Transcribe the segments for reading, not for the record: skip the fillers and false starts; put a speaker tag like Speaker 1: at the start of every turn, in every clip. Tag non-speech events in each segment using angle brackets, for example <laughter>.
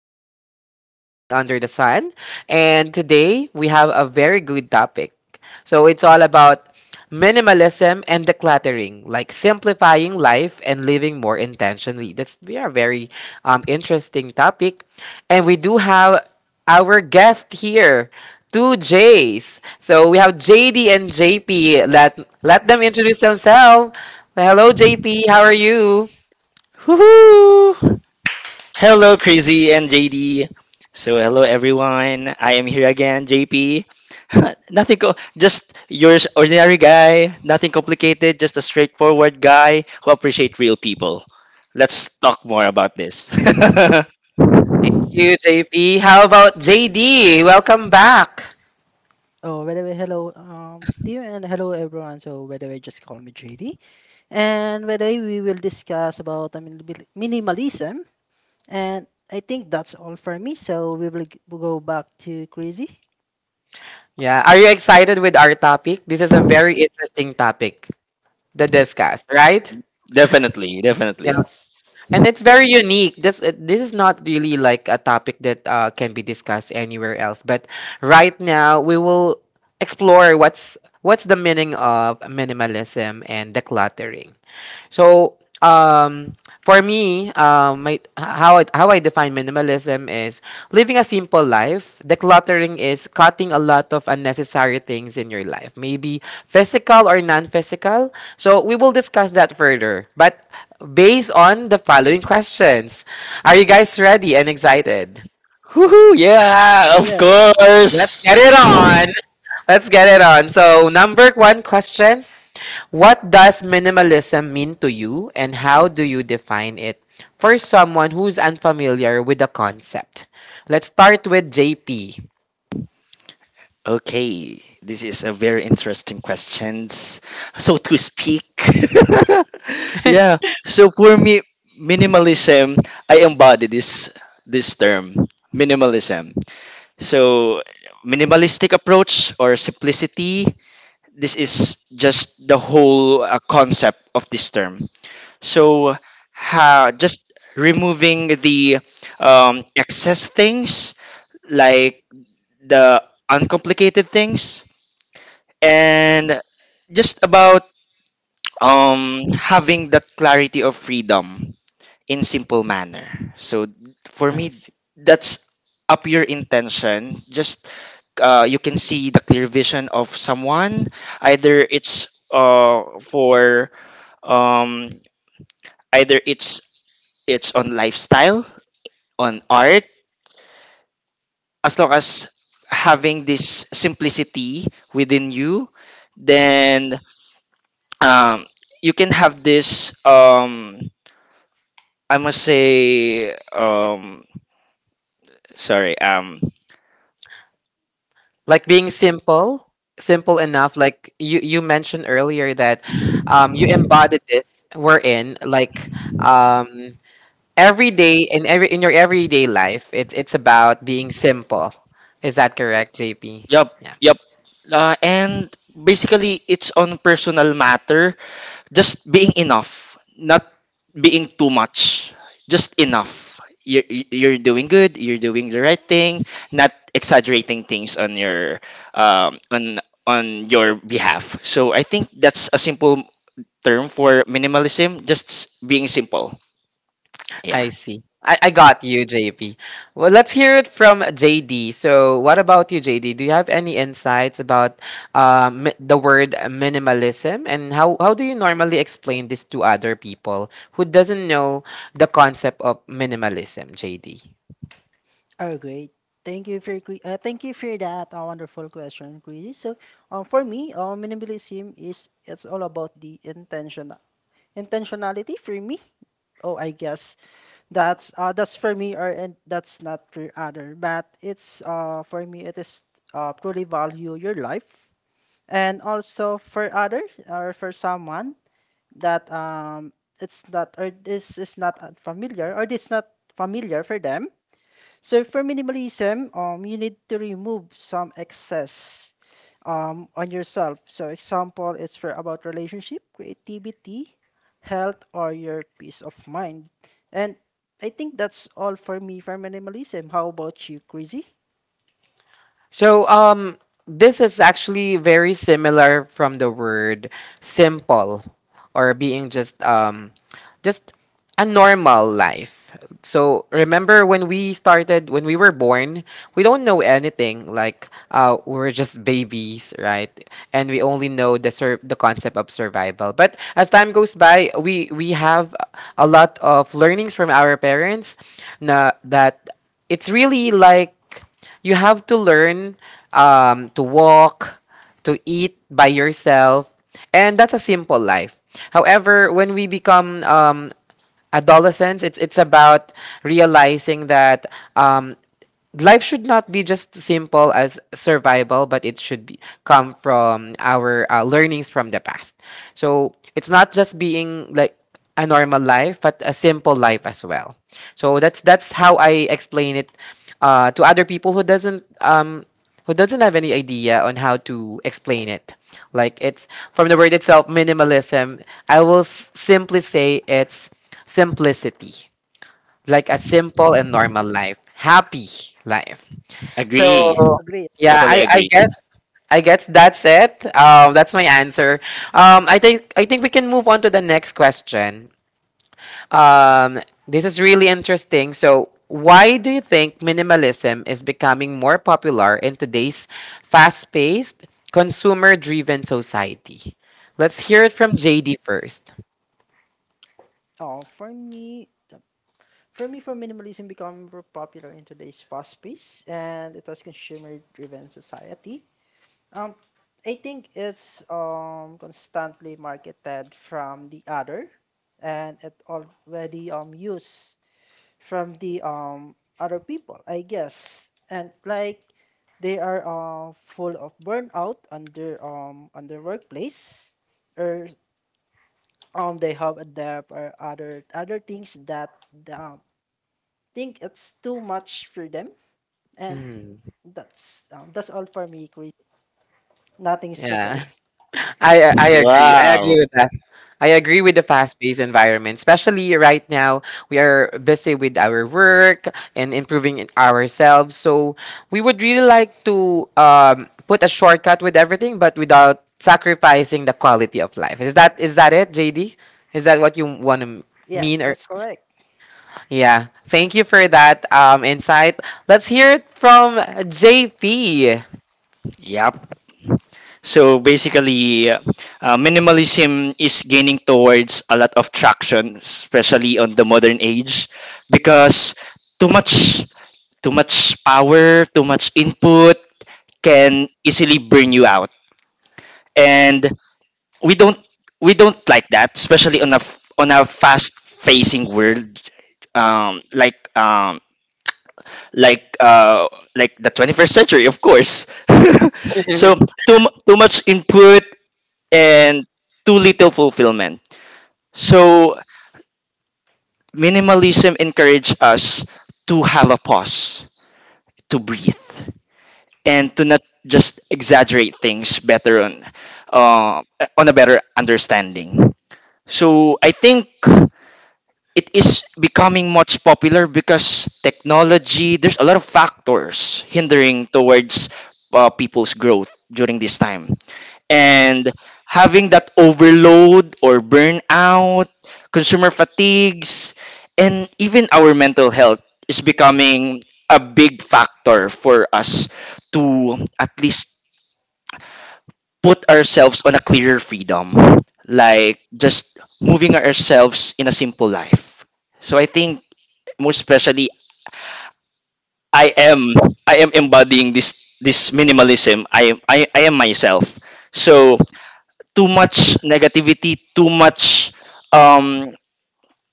Speaker 1: will discuss anything under the sun. And today we have a very good topic. So it's all about minimalism and decluttering, like simplifying life and living more intentionally. That's, we are very interesting topic. And we do have our guest here, two J's. So we have JD and JP. Let them introduce themselves. Hello, JP. How are you?
Speaker 2: Woohoo! Hello, Crazy and JD. So, hello everyone. I am here again, JP. <laughs> Nothing, just your ordinary guy. Nothing complicated. Just a straightforward guy who appreciate real people. Let's talk more about this.
Speaker 1: You, JP. How about JD? Welcome back.
Speaker 3: Oh, by the way, hello, to you, and hello everyone. So, by the way, just call me JD. And by the way, we will discuss about minimalism. And I think that's all for me. So we will go back to Crazy.
Speaker 1: Yeah, are you excited with our topic? This is a very interesting topic, the discuss, right?
Speaker 2: <laughs> Definitely, definitely.
Speaker 1: Yeah, and
Speaker 3: Yes.
Speaker 1: it's very unique. This this is not really like a topic that can be discussed anywhere else. But right now, we will explore what's the meaning of minimalism and decluttering. So, um, for me, my how I define minimalism is living a simple life. Decluttering is cutting a lot of unnecessary things in your life, maybe physical or non-physical. So we will discuss that further, but based on the following questions. Are you guys ready and excited?
Speaker 2: Woohoo! Yeah, of
Speaker 3: Yes.
Speaker 1: Let's
Speaker 2: course.
Speaker 1: get it on. Let's get it on. So, number one question. What does minimalism mean to you and how do you define it? For someone who's unfamiliar with the concept, let's start with JP.
Speaker 2: Okay, this is a very interesting questions. So to speak, <laughs>
Speaker 1: <laughs>
Speaker 2: yeah. So for me, minimalism, I embody this term, minimalism. So minimalistic approach or simplicity. This is just the whole concept of this term. So ha, just removing the excess things like the uncomplicated things, and just about having that clarity of freedom in simple manner. So for
Speaker 1: I
Speaker 2: me,
Speaker 1: see.
Speaker 2: that's a pure intention. Just you can see the clear vision of someone, either it's for um, either it's on lifestyle, on art. As long as having this simplicity within you, then um, you can have this I must say sorry
Speaker 1: Like being simple, simple enough. Like you mentioned earlier that you embodied this. We're in like um, every day in every in your everyday life. It's about being simple. Is that correct, JP?
Speaker 2: yup, yup. And basically, it's on personal matter, just being enough, not being too much, just enough. you're, you're doing good, you're doing the right thing, not exaggerating things on your um on on your behalf. So I think that's a simple term for minimalism, just being simple, yeah.
Speaker 1: I see. I got you, JP. Well, let's hear it from JD. So, what about you, JD? Do you have any insights about the word minimalism and how do you normally explain this to other people who doesn't know the concept of minimalism, JD?
Speaker 3: Oh, great. Thank you for that wonderful question, Crazy. So, for me, minimalism is it's all about the intentionality for me. Oh, I guess that's for me or and that's not for other, but it's for me it is truly value your life. And also for other, or for someone that it's not, or this is not familiar, or it's not familiar for them. So for minimalism, you need to remove some excess on yourself. So example, it's for about relationship, creativity, health, or your peace of mind. And I think that's all for me for minimalism. How about you, Crazy?
Speaker 1: So this is actually very similar from the word simple or being just a normal life. So remember when we started when we were born, we don't know anything like we were just babies, right? And we only know the the concept of survival. But as time goes by, we have a lot of learnings from our parents na that it's really like you have to learn to walk, to eat by yourself, and that's a simple life. However, when we become adolescents, it's about realizing that um, life should not be just simple as survival, but it should be, come from our learnings from the past. So it's not just being like a normal life, but a simple life as well. So that's how I explain it to other people who doesn't have any idea on how to explain it. Like it's from the word itself, minimalism. I will simply say it's simplicity, like a simple and normal life, happy life.
Speaker 2: Agree.
Speaker 1: So
Speaker 3: Agree.
Speaker 1: yeah,
Speaker 2: Totally agree.
Speaker 1: I guess that's it. That's my answer. I think we can move on to the next question. Um, this is really interesting. So, why do you think minimalism is becoming more popular in today's fast-paced, consumer-driven society? Let's hear it from JD first.
Speaker 3: Oh, for me, the- for me, for minimalism become more popular in today's fast pace, and it was consumer driven society. Um, I think it's constantly marketed from the other, and it already used from the other people, I guess. And like they are full of burnout under on their workplace, or they have a debt or other things that um, think it's too much for them. And that's all for me, Chris. Nothing's to
Speaker 1: Yeah.
Speaker 3: say. <laughs>
Speaker 1: I agree. Yeah. I Yeah.
Speaker 2: Wow.
Speaker 1: agree with that. I agree with the fast-paced environment, especially right now. We are busy with our work and improving it ourselves. So we would really like to put a shortcut with everything, but without sacrificing the quality of life. Is that it, JD? Is that what you want to
Speaker 3: Yes,
Speaker 1: mean? Or
Speaker 3: that's correct.
Speaker 1: yeah, thank you for that insight. Let's hear it from JP.
Speaker 2: Yep. So basically, minimalism is gaining towards a lot of traction, especially on the modern age, because too much, too much power, too much input can easily burn you out, and we don't, we don't like that, especially on a on a fast-facing world, um, like um, like uh like the 21st century, of course. <laughs> So too much input and too little fulfillment. So minimalism encourages us to have a pause, to breathe, and to not just exaggerate things better uh, on a better understanding. So I think it is becoming much popular because technology, there's a lot of factors hindering towards people's growth during this time, and having that overload or burnout, consumer fatigues, and even our mental health is becoming a big factor for us to at least put ourselves on a clearer freedom, like just moving ourselves in a simple life. So I think, most especially, I am, I am embodying this this minimalism. I am myself. So too much negativity, um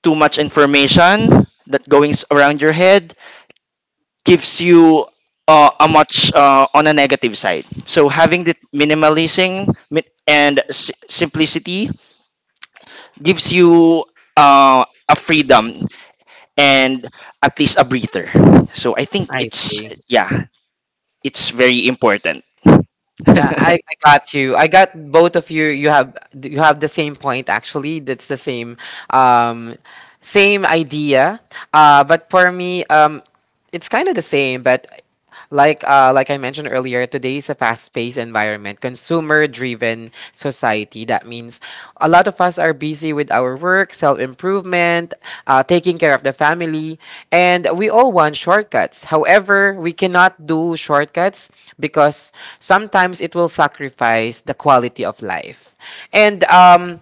Speaker 2: too much information that goings around your head gives you a much on a negative side. So having the minimalism and simplicity gives you a freedom, and at least a breather. So I think
Speaker 1: I
Speaker 2: it's,
Speaker 1: see.
Speaker 2: yeah, it's very important.
Speaker 1: Yeah, I
Speaker 2: <laughs>
Speaker 1: got you. I got both of you. You have the same point actually. That's the same um same idea. But for me it's kind of the same, but like I mentioned earlier, today is a fast-paced environment, consumer-driven society. That means a lot of us are busy with our work, self-improvement, taking care of the family, and we all want shortcuts. However, we cannot do shortcuts because sometimes it will sacrifice the quality of life. And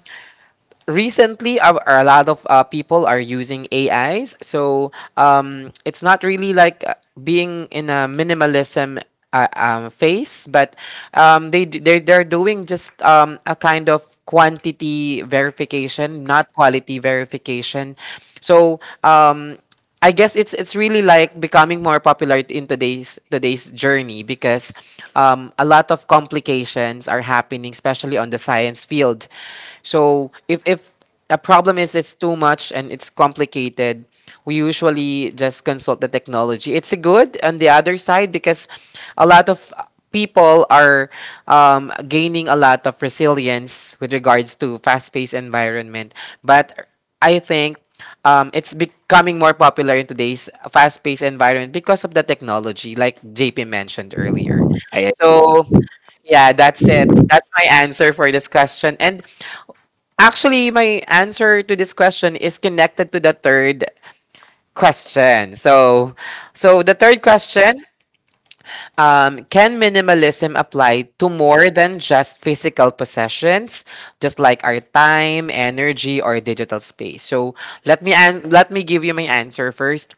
Speaker 1: recently a lot of people are using ais so it's not really like being in a minimalism phase but they they're doing just a kind of quantity verification not quality verification so I guess it's really like becoming more popular in today's journey because a lot of complications are happening, especially on the science field. So if a problem is it's too much and it's complicated, we usually just consult the technology. It's a good on the other side because a lot of people are gaining a lot of resilience with regards to fast-paced environment. But I think it's becoming more popular in today's fast-paced environment because of the technology, like JP mentioned earlier.
Speaker 2: I agree.
Speaker 1: So yeah, that's it. That's my answer for this question. And actually, my answer to this question is connected to the third question. So the third question, can minimalism apply to more than just physical possessions, just like our time, energy, or digital space? So, let me let me give you my answer first.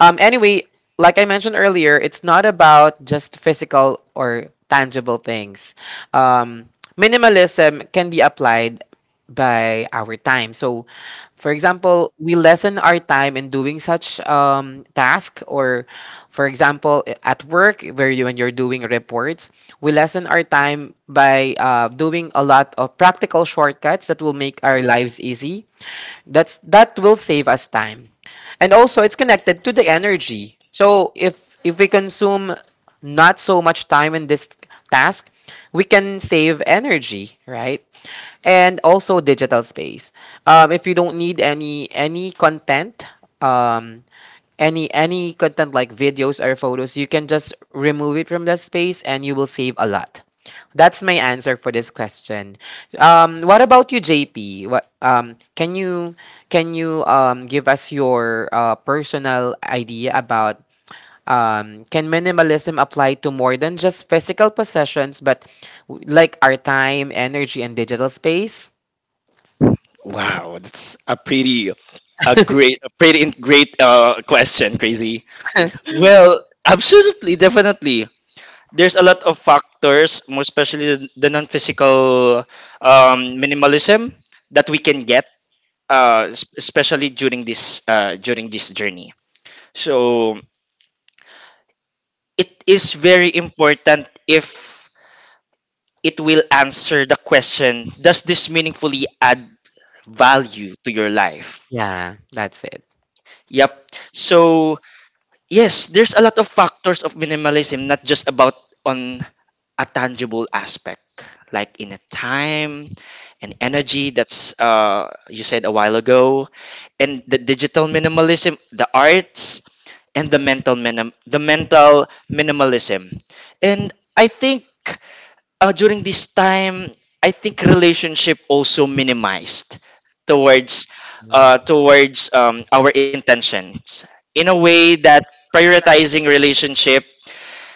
Speaker 1: Anyway, like I mentioned earlier, it's not about just physical or tangible things. Um, minimalism can be applied by our time. So, for example, we lessen our time in doing such task, or for example, at work where you when you're doing reports, we lessen our time by doing a lot of practical shortcuts that will make our lives easy, that will save us time. And also it's connected to the energy. So if we consume not so much time in this task, we can save energy, right? And also digital space. If you don't need any content, um, any content like videos or photos, you can just remove it from the space and you will save a lot. That's my answer for this question. What about you, JP? What, can you give us your personal idea about, can minimalism apply to more than just physical possessions, but like our time, energy and digital space?
Speaker 2: Wow, a great, a pretty great question, Crazy. Well, absolutely, definitely. There's a lot of factors, more especially the non-physical minimalism that we can get, especially during this journey. So it is very important if it will answer the question: does this meaningfully add value to your life.
Speaker 1: Yeah, that's it.
Speaker 2: Yep. So, yes, there's a lot of factors of minimalism, not just about on a tangible aspect, like in a time and energy that's you said a while ago, and the digital minimalism, the arts, and the mental the mental minimalism. And I think during this time, I think relationship also minimized towards towards our intentions, in a way that prioritizing relationship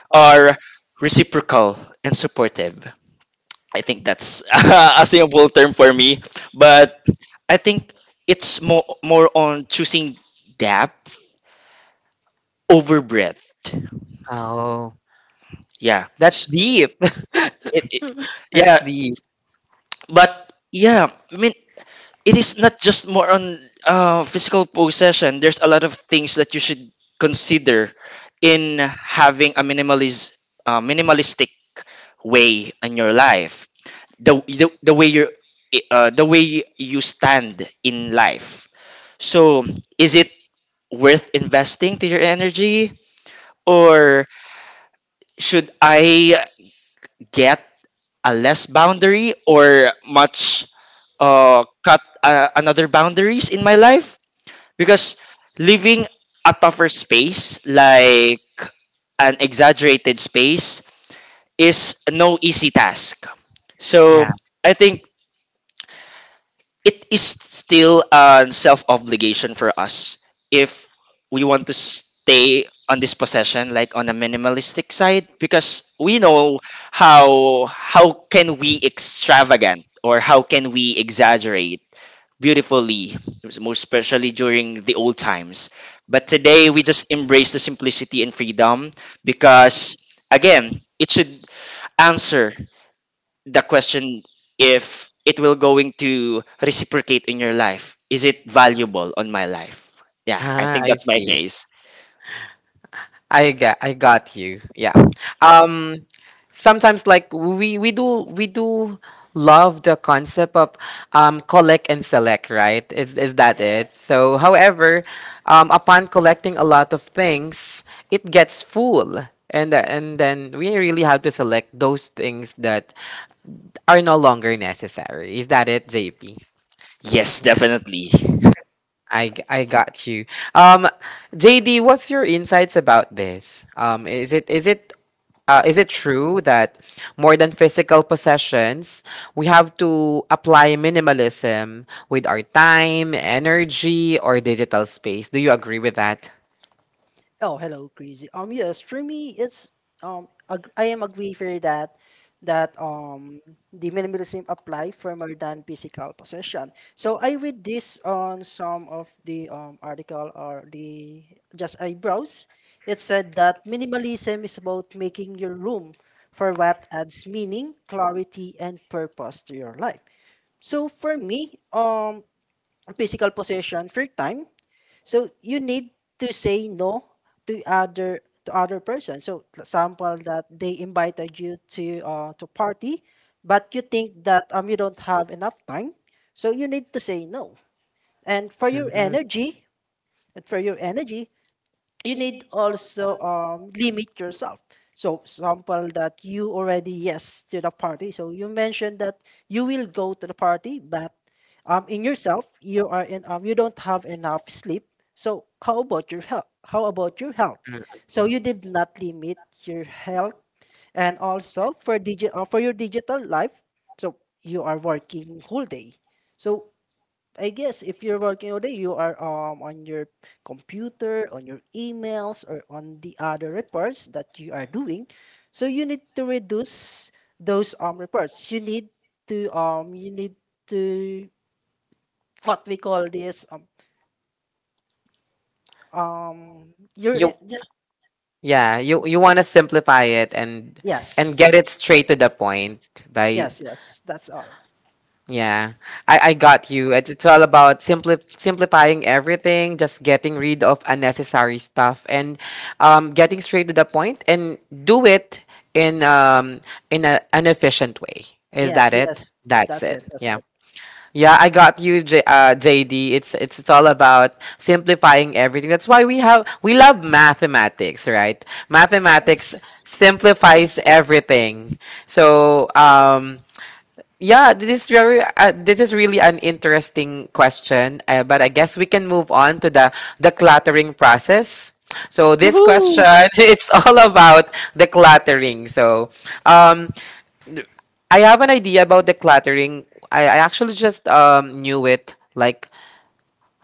Speaker 2: are reciprocal and supportive. I think that's <laughs> a simple term for me, but I think it's more on choosing depth over breadth.
Speaker 1: Oh,
Speaker 2: Yeah.
Speaker 1: that's deep.
Speaker 2: It- it-
Speaker 1: <laughs>
Speaker 2: yeah,
Speaker 1: That's deep.
Speaker 2: but yeah, I mean, it is not just more on physical possession. There's a lot of things that you should consider in having a minimalist, minimalistic way in your life. The way you the way you stand in life. So, is it worth investing to your energy, or should I get a less boundary or much cut another boundaries in my life? Because leaving a tougher space, like an exaggerated space, is no easy task. So
Speaker 1: Yeah.
Speaker 2: I think it is still a self obligation for us if we want to stay on this possession, like on a minimalistic side, because we know how can we extravagant or how can we exaggerate beautifully, most especially during the old times. But today, we just embrace the simplicity and freedom because, again, it should answer the question if it will going to reciprocate in your life. Is it valuable on my life? Yeah, I
Speaker 1: Ah,
Speaker 2: think
Speaker 1: I
Speaker 2: that's my
Speaker 1: see.
Speaker 2: case.
Speaker 1: I got you. Yeah. Um sometimes like we do love the concept of collect and select, right? Is that it? Yes, so however, upon collecting a lot of things, it gets full. And and then we really have to select those things that are no longer necessary. Is that it, JP?
Speaker 3: Yes.
Speaker 2: Yes, definitely.
Speaker 1: I got you. Um, JD, what's your insights about this? Is it true that more than physical possessions, we have to apply minimalism with our time, energy, or digital space? Do you agree with that?
Speaker 3: Oh, hello, Crazy. Yes, for me, I am agree for that, that the minimalism apply for more than physical possession. So I read this on some of the article, or the just I browse. It said that minimalism is about making your room for what adds meaning, clarity, and purpose to your life. So for me, physical possession for time. So you need to say no to other person. So example that they invited you to party, but you think that you don't have enough time, so you need to say no. And for your
Speaker 1: Mhm.
Speaker 3: energy, and for your energy, you need also limit yourself. So, example that you already yes to the party. So you mentioned that you will go to the party, but in yourself you are in you don't have enough sleep. So how about your health? So you did not limit your health, and also for for your digital life. So you are working whole day. So I guess if you're working all day, you are on your computer, on your emails, or on the other reports that you are doing. So you need to reduce those reports. You need to what we call this you're
Speaker 1: You
Speaker 3: just
Speaker 1: Yeah, you want to simplify it and get
Speaker 3: yes
Speaker 1: it straight to the point by.
Speaker 3: yes yes that's all
Speaker 1: Yeah, I got you. It's all about simplifying everything, just getting rid of unnecessary stuff and getting straight to the point and do it in an efficient way. Is that
Speaker 3: yes
Speaker 1: it?
Speaker 3: yes
Speaker 1: That's it.
Speaker 3: that's
Speaker 1: Yeah.
Speaker 3: it
Speaker 1: Yeah, I got you, J JD. It's all about simplifying everything. That's why we love mathematics, right? Mathematics
Speaker 3: yes.
Speaker 1: simplifies everything. So, yeah, this is very this is really an interesting question, but I guess we can move on to the cluttering process. So this question,
Speaker 2: Woohoo!
Speaker 1: <laughs> it's all about the decluttering. So um, I have an idea about decluttering. I actually just knew it like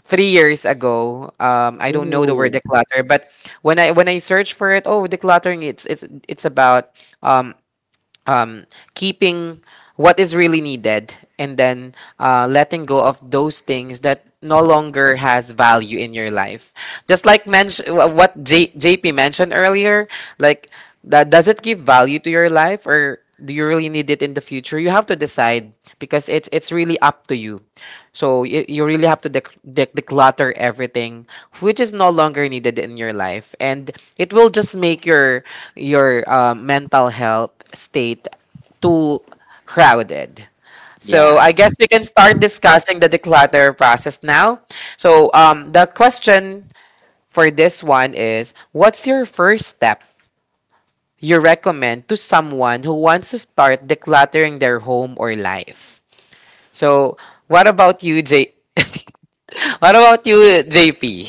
Speaker 1: 3 years ago. I don't know the word
Speaker 2: Ooh,
Speaker 1: declutter, but when I search for it, oh, decluttering, it's about um, keeping what is really needed and then letting go of those things that no longer has value in your life, just like mention what jp mentioned earlier, like, that does it give value to your life or do you really need it in the future? You have to decide because it's really up to you. So you really have to declutter everything which is no longer needed in your life, and it will just make your mental health state too crowded. So
Speaker 2: yeah.
Speaker 1: I guess we can start discussing the declutter process now. So the question for this one is, what's your first step you recommend to someone who wants to start decluttering their home or life? So what about you, J? <laughs> What about you, JP?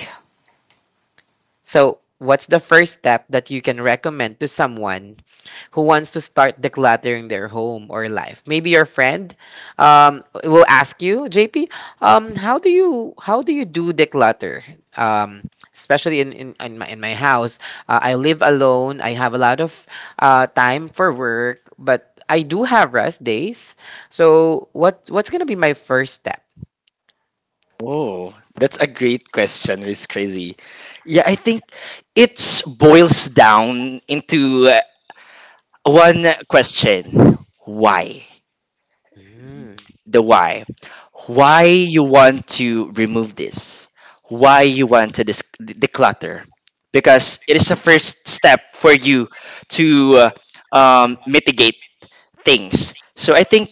Speaker 1: So what's the first step that you can recommend to someone who wants to start decluttering their home or life. Maybe your friend will ask you, JP, how do you do declutter? Um, Especially in my in my house, I live alone. I have a lot of time for work, but I do have rest days. So what's gonna be my first step?
Speaker 2: Oh, that's a great question, Miss Crazy. Yeah, I think it boils down into one question. Why?
Speaker 1: Mm,
Speaker 2: The why. Why you want to remove this? Why you want to declutter? Because it is a first step for you to mitigate things. So I think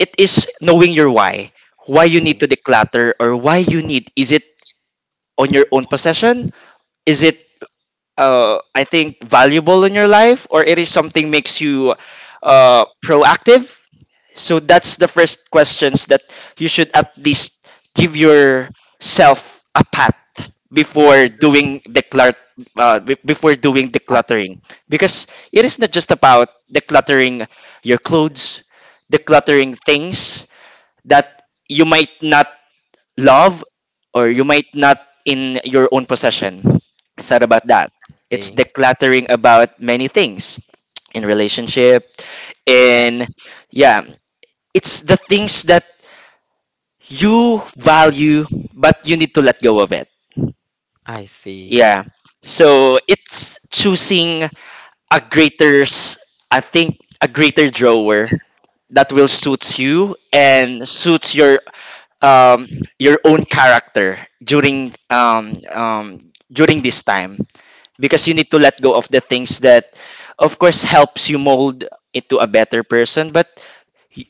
Speaker 2: it is knowing your why. Why you
Speaker 1: okay.
Speaker 2: need to declutter or why you need. Is it on your own possession? Is it I think valuable in your life, or it is something makes you proactive. So that's the first questions that you should at least give yourself a pat before
Speaker 1: Mm,
Speaker 2: doing before doing decluttering, because it is not just about decluttering your clothes, decluttering things that you might not love, or you might not in your own possession. It's not about that. It's
Speaker 1: Saturday.
Speaker 2: decluttering about many things in relationship,
Speaker 1: Yeah,
Speaker 2: and yeah, it's the things that you value but you need to let go of it.
Speaker 1: I see.
Speaker 2: Yeah. So it's choosing a greater s- I think a greater drawer that will suits you and suits um, your own character during during this time, because you need to let go of the things that of course helps you mold into a better person, but y-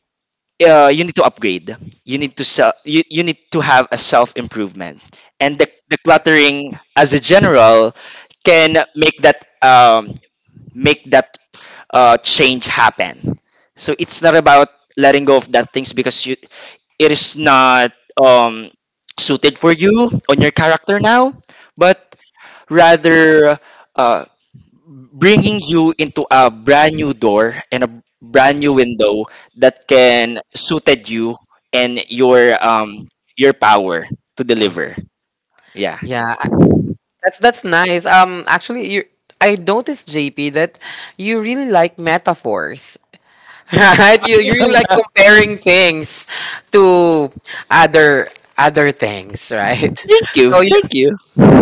Speaker 2: you need to upgrade, you need to you need to have a self improvement, and the cluttering as a general can make that change happen. So it's not about letting go of that things because you, it is not um, suited for you on your character now, but rather uh, bringing you into a brand new door and a brand new window that can suited you and your power to
Speaker 1: I
Speaker 2: deliver. Yeah.
Speaker 1: yeah, that's nice. Actually, you I noticed JP that you really like metaphors, <laughs> right? You really like
Speaker 2: <laughs>
Speaker 1: comparing things to other other things, right?
Speaker 2: Thank
Speaker 1: <laughs>
Speaker 2: you.
Speaker 1: So you
Speaker 2: Thank you.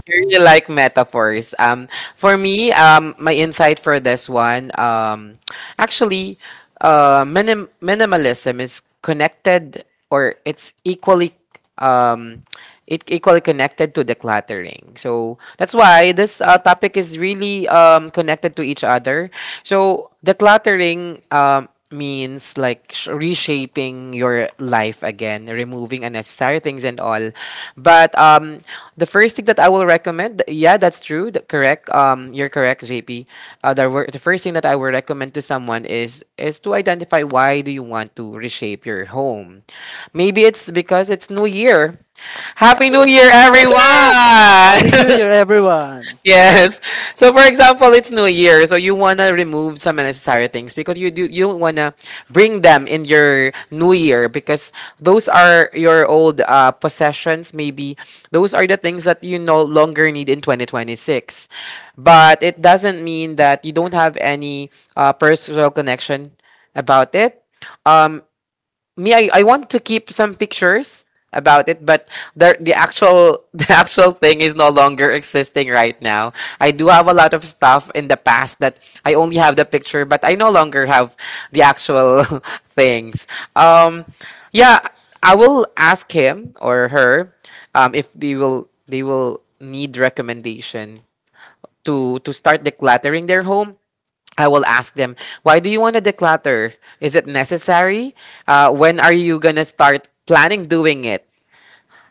Speaker 1: really like metaphors. For me, my insight for this one, actually, minimalism is connected or it's equally um it equally connected to decluttering, so that's why this topic is really connected to each other. So decluttering means like reshaping your life again, removing unnecessary things and all, but the first thing that I will recommend, yeah, that's true, correct. You're correct, JP. The first thing that I will recommend to someone is to identify why do you want to reshape your home. Maybe it's because it's New Year. Happy New Year,
Speaker 2: <laughs>
Speaker 3: Happy New
Speaker 1: everyone! <laughs>
Speaker 3: Year, everyone!
Speaker 1: <laughs> Yes. So for example, it's New Year, so you wanna remove some unnecessary things because you don't wanna bring them in your New Year because those are your old possessions. Maybe those are the things that you no longer need in 2026. But it doesn't mean that you don't have any personal connection about it. Um, me I want to keep some pictures about it, but the actual <laughs> the actual thing is no longer existing right now. I do have a lot of stuff in the past that I only have the picture, but I no longer have the actual <laughs> things. Um, yeah, I will ask him or her if they will need recommendation to start decluttering their home. I will ask them, why do you want to declutter? Is it necessary? When are you going to start planning doing it?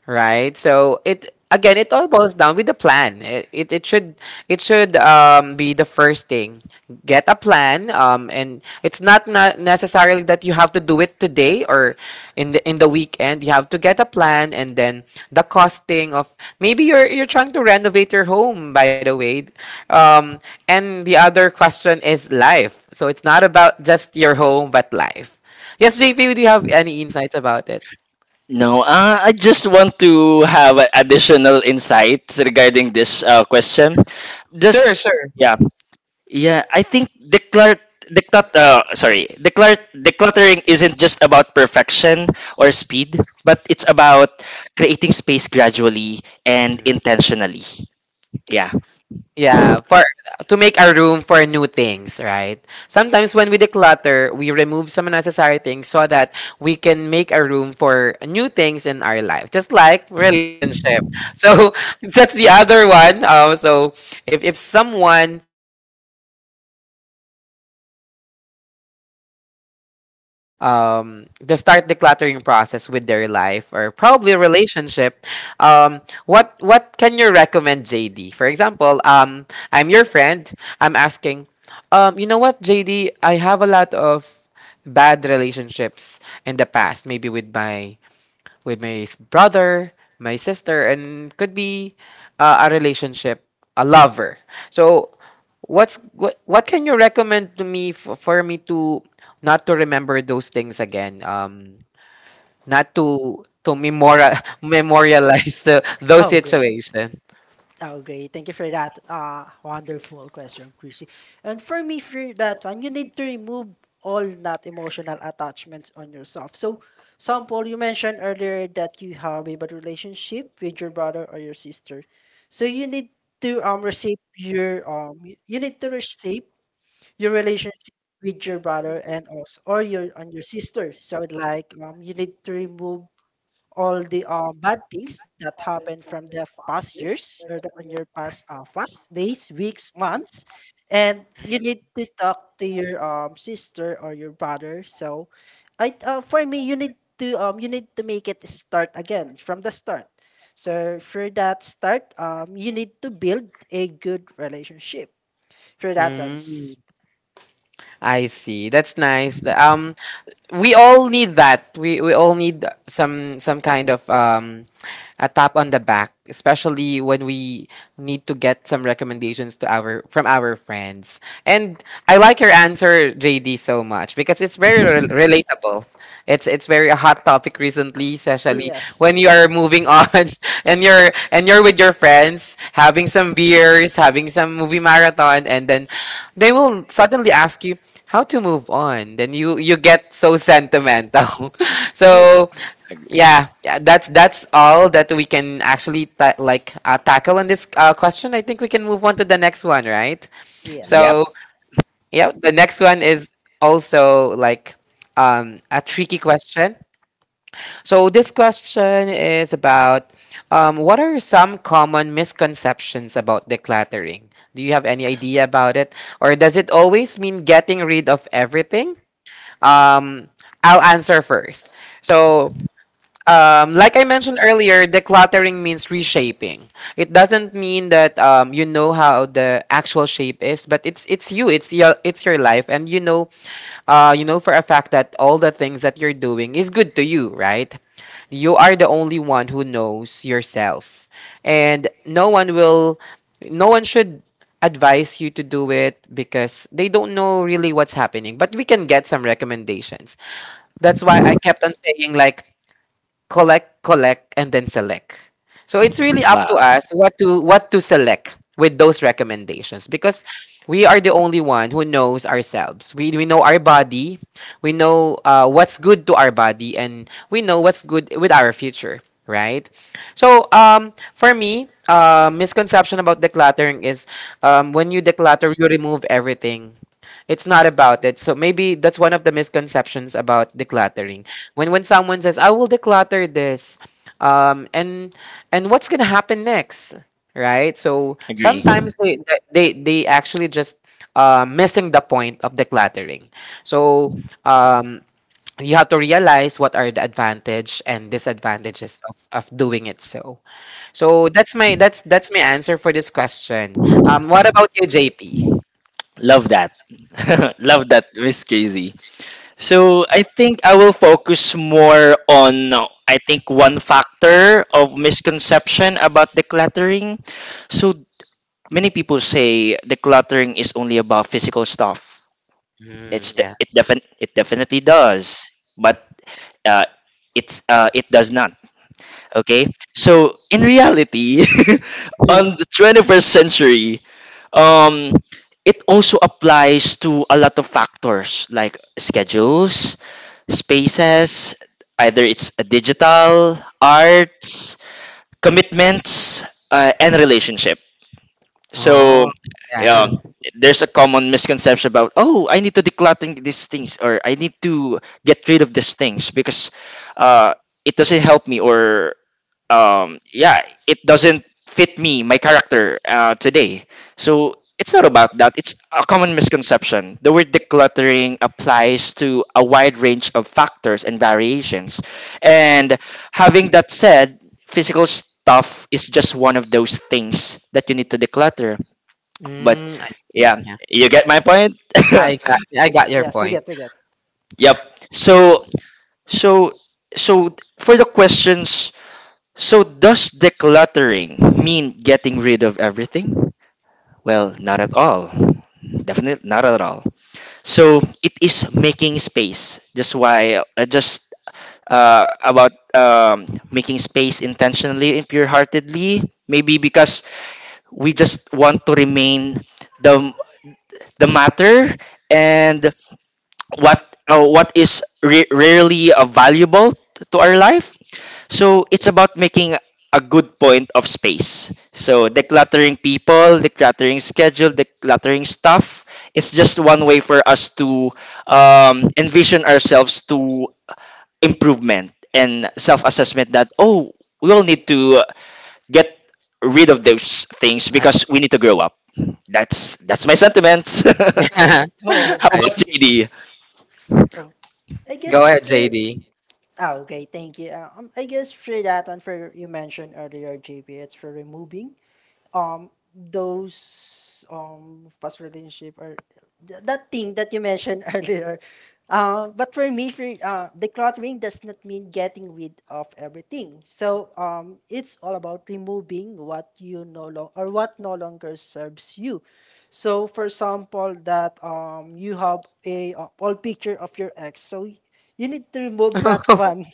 Speaker 1: Right. So it again, it all boils down with the plan. It should it should be the first thing. Get a plan. And it's not necessarily that you have to do it today or in the weekend. You have to get a plan and then the costing of, maybe you're trying to renovate your home. By the way, um, and the other question is life. So it's not about just your home, but life. Yes, JP, do you have any insights about it?
Speaker 2: No, I just want to have additional insight regarding this question. Just,
Speaker 1: Sure, sure.
Speaker 2: yeah. Yeah, I think declare declut sorry, declare decluttering isn't just about perfection or speed, but it's about creating space gradually and intentionally. Yeah.
Speaker 1: Yeah, for to make a room for new things, right? Sometimes when we declutter, we remove some unnecessary things so that we can make a room for new things in our life, just like relationship. So <laughs> that's the other one. So if someone needs a recommendation, how to declutter to start decluttering process with their life or probably a relationship, what can you recommend, JD? For example, I'm your friend. I'm asking, you know what, JD? I have a lot of bad relationships in the past, maybe with my brother, my sister, and could be a relationship, a lover. So, what can you recommend to me for, me to not to remember those things again? Not to to memorial <laughs> memorialize those
Speaker 3: Oh great.
Speaker 1: situations.
Speaker 3: Oh, great. Thank you for that wonderful question, Chrissy. And for me, for that one, you need to remove all not emotional attachments on yourself. So, sample, you mentioned earlier that you have a bad relationship with your brother or your sister. So, you need to reshape your y- you need to reshape your relationship with your brother, and also or your and your sister. So, like you need to remove all the bad things that happened from the past years, or on your past days, weeks, months, and you need to talk to your sister or your brother. So, I for me, you need to make it start again from the start. So for that start, you need to build a good relationship. For that one,
Speaker 1: Mm, I see. That's nice. We all need that. We all need some kind of a tap on the back, especially when we need to get some recommendations to our from our friends. And I like your answer, JD, so much because it's very relatable. It's very a hot topic recently, especially when you
Speaker 3: yes,
Speaker 1: are moving on <laughs> and you're with your friends, having some beers, having some movie marathon, and then they will suddenly ask you how to move on. Then you get so sentimental. <laughs>
Speaker 3: you,
Speaker 1: So
Speaker 2: Ag-
Speaker 1: yeah, yeah, that's all that we can actually tackle on this question. I think we can move on to the next one, right?
Speaker 3: yes,
Speaker 2: Yep.
Speaker 1: So, yeah, the next one is also like a tricky question. So this question is about what are some common misconceptions about decluttering? Do you have any idea about it, or does it always mean getting rid of everything? Um, I'll answer first. So like I mentioned earlier, decluttering means reshaping. It doesn't mean that you know how the actual shape is, but it's your life, and you know for a fact that all the things that you're doing is good to you, right? You are the only one who knows yourself, and no one should advise you to do it because they don't know really what's happening. But we can get some recommendations. That's why I kept on saying like collect, collect, and then select. So it's really up to
Speaker 2: Wow.
Speaker 1: us what to select with those recommendations because we are the only one who knows ourselves. We know our body, we know what's good to our body, and we know what's good with our future, right? So for me, misconception about decluttering is when you declutter, you remove everything. It's not about it. So maybe that's one of the misconceptions about decluttering. When someone says I will declutter this um, and what's gonna happen next, right? So
Speaker 2: Agree.
Speaker 1: sometimes they they actually just missing the point of decluttering. So um, you have to realize what are the advantage and disadvantages of, doing it. So that's my that's my answer for this question. Um, what about you, JP?
Speaker 2: Love that. <laughs> Love that, Miss Crazy. So I think I will focus more on I think one factor of misconception about decluttering. So many people say decluttering is only about physical stuff.
Speaker 1: Mm,
Speaker 2: It's de-
Speaker 1: yeah.
Speaker 2: it defin it definitely does, but uh, it does not. Okay, so in reality, <laughs> on
Speaker 1: Yeah.
Speaker 2: the 21st century, um, it also applies to a lot of factors like schedules, spaces, either it's a digital, arts, commitments, and relationships. So,
Speaker 1: Oh,
Speaker 2: yeah,
Speaker 1: yeah.
Speaker 2: there's a common misconception about, oh, I need to declutter these things, or I need to get rid of these things because uh, it doesn't help me, or, yeah, it doesn't fit me, my character today. So, it's not about that. It's a common misconception. The word decluttering applies to a wide range of factors and variations. And having that said, physical stuff is just one of those things that you need to declutter, but
Speaker 1: Mm, I see.
Speaker 2: yeah, you get my point. <laughs>
Speaker 1: I got your
Speaker 3: yes,
Speaker 1: point.
Speaker 3: we get.
Speaker 2: Yep. so so so for the questions, so does decluttering mean getting rid of everything? Well, not at all. Definitely not at all. So it is making space, just why, just about making space intentionally and pure-heartedly, maybe because we just want to remain the the matter and what what is rarely valuable to our life. So it's about making a good point of space. So decluttering people, decluttering schedule, decluttering stuff. It's just one way for us to envision ourselves to improvement and self-assessment, that oh, we all need to get rid of those things
Speaker 1: I,
Speaker 2: because we need to grow up. That's my sentiments. <laughs>
Speaker 3: Oh,
Speaker 2: How
Speaker 1: <laughs> I
Speaker 2: about
Speaker 1: s-
Speaker 3: yes.
Speaker 2: JD?
Speaker 3: Oh, I
Speaker 1: Go
Speaker 3: guess
Speaker 1: ahead,
Speaker 3: for
Speaker 1: JD.
Speaker 3: Oh, okay. Thank you. I guess for that one, for you mentioned earlier, JP, it's for removing those past relationship, or that thing that you mentioned <laughs> earlier. But for me, for decluttering does not mean getting rid of everything. So it's all about removing what you no longer, or what no longer serves you. So for example, that you have a all picture of your ex, so you need to remove that <laughs>
Speaker 1: <laughs>
Speaker 3: one.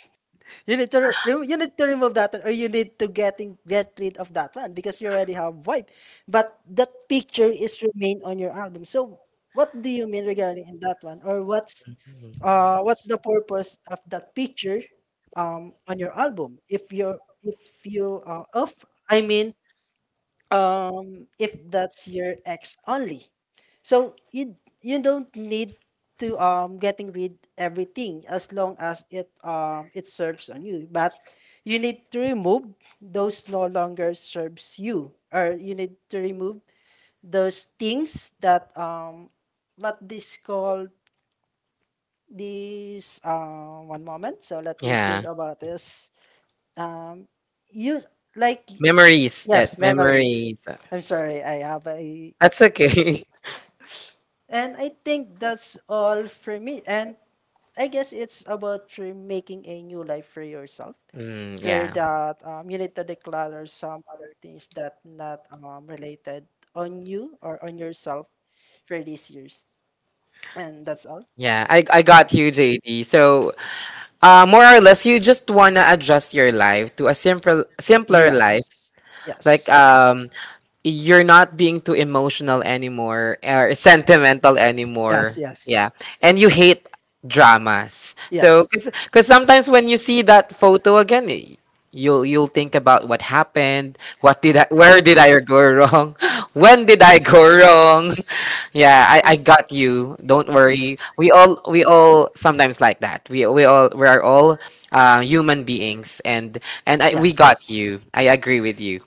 Speaker 3: You need to remove that one, or you need to get rid of that one, because you already have void. But that picture is remain on your album. So what do you mean regarding in that one? Or what's the purpose of that picture on your album, if you're if you off I mean if that's your ex only, so you don't need to getting rid everything, as long as it it serves on you. But you need to remove those no longer serves you, or you need to remove those things that what this called, this one moment, so let me
Speaker 1: Yeah,
Speaker 3: think about this. Um use like memory.
Speaker 1: memories. Yeah,
Speaker 3: Yes, memories.
Speaker 1: memories.
Speaker 3: I'm sorry, I have a,
Speaker 1: That's okay. <laughs>
Speaker 3: and I think that's all for me. And I guess it's about making a new life for yourself.
Speaker 1: Mm,
Speaker 3: For
Speaker 1: yeah.
Speaker 3: that you need to declutter some things that not related on you or on yourself for these years, and that's all.
Speaker 1: Yeah, I got you, JD. So, more or less, you just wanna adjust your life to a simple, simpler life,
Speaker 3: Yes
Speaker 1: like
Speaker 3: yes
Speaker 1: you're not being too emotional anymore or sentimental
Speaker 3: yes
Speaker 1: anymore.
Speaker 3: yes
Speaker 1: Yeah. And you hate dramas. So
Speaker 3: yes
Speaker 1: because sometimes when you see that photo again, you'll think about what happened, what did I where did I go wrong? <laughs> When did I go wrong? <laughs> Yeah, I got you. Don't
Speaker 3: S-
Speaker 1: worry. We all sometimes like that. We all we are all human beings, and we got
Speaker 3: yes
Speaker 1: you. I agree with you.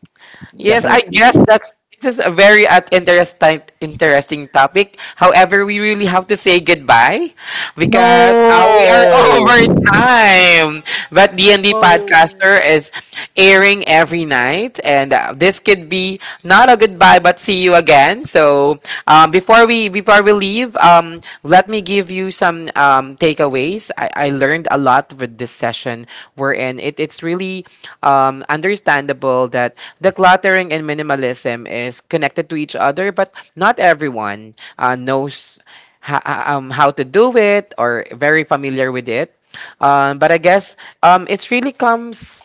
Speaker 1: Yes, I
Speaker 2: Definitely.
Speaker 1: guess that's this is a very interesting topic. However, we really have to say goodbye because we are <laughs>
Speaker 2: No.
Speaker 1: over time. But D and D
Speaker 3: oh.
Speaker 1: Podcaster is airing every night, and this could be not a goodbye, but see you again. So before we leave, let me give you some takeaways. I learned a lot with this session. We're in. It's really understandable that the cluttering and minimalism is connected to each other, but not everyone knows how to do it or very familiar with it. But I guess it really comes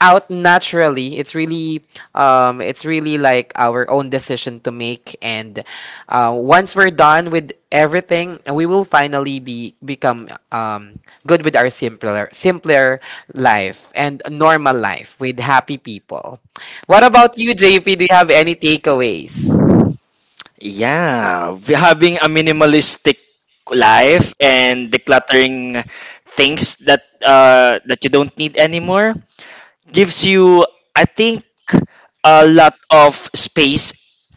Speaker 1: out naturally. It's really like our own decision to make, and once we're done with everything, we will finally be become good with our simpler life and normal life with happy people. What about you, JP? Do you have any takeaways?
Speaker 2: Yeah, we having a minimalistic life and decluttering things that that you don't need anymore gives you, I think, a lot of space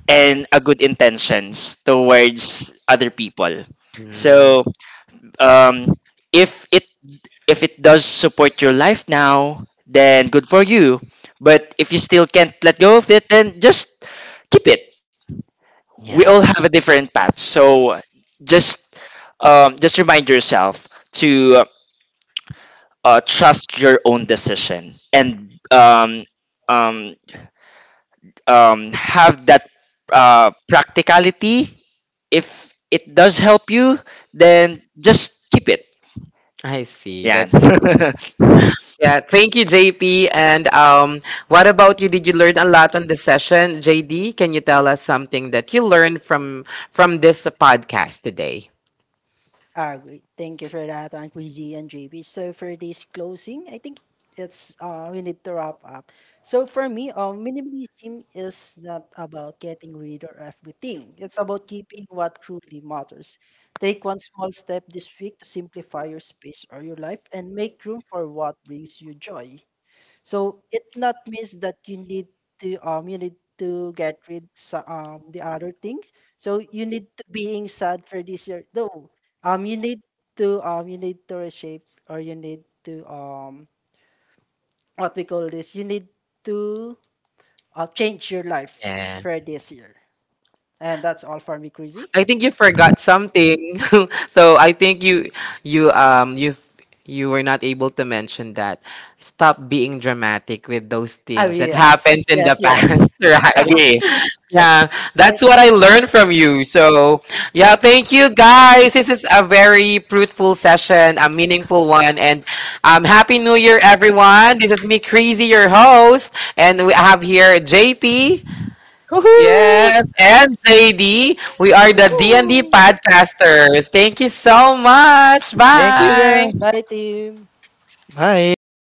Speaker 2: and a good intentions towards other people.
Speaker 1: Mm,
Speaker 2: So um if it does support your life now, then good for you. But if you still can't let go of it, then just keep it. We all
Speaker 1: yeah.
Speaker 2: have a different path. So just just remind yourself to trust your own decision, and um, have that practicality. If it does help you, then just keep it.
Speaker 1: I see.
Speaker 2: Yeah.
Speaker 1: That's
Speaker 2: <laughs>
Speaker 1: Yeah, thank you, JP. And what about you? Did you learn a lot on the session, JD? Can you tell us something that you learned from this podcast today?
Speaker 3: Ah, great. Thank you for that, Aunt Queasy and JB. So for this closing, I think it's we need to wrap up. So for me, minimalism is not about getting rid of everything. It's about keeping what truly matters. Take one small step this week to simplify your space or your life and make room for what brings you joy. So it not means that you need to get rid so, the other things. So you need to being sad for this year. No, you need to reshape, or you need to what we call this. You need to change your life
Speaker 1: Yeah.
Speaker 3: for this year. And that's all for me, Crazy.
Speaker 1: I think you forgot something. <laughs> So I think you um you you were not able to mention that. Stop being dramatic with those
Speaker 3: Oh
Speaker 1: things that happened
Speaker 3: yes,
Speaker 1: in the
Speaker 3: yes,
Speaker 2: Yes.
Speaker 1: past,
Speaker 3: yes.
Speaker 1: <laughs>
Speaker 3: <laughs>
Speaker 1: right?
Speaker 2: Agree.
Speaker 1: Yeah, that's
Speaker 3: And-
Speaker 1: what I learned from you. So, yeah, thank you, guys. This is a very fruitful session, a meaningful one, and happy New Year, everyone. This is me, Crazy, your host, and we have here JP.
Speaker 2: Woohoo!
Speaker 1: Yes, and JD, we are the D&D
Speaker 3: Woo!
Speaker 1: podcasters. Thank you so much.
Speaker 2: Thank you,
Speaker 1: Bye.
Speaker 2: guys.
Speaker 3: Bye, team.
Speaker 2: Bye.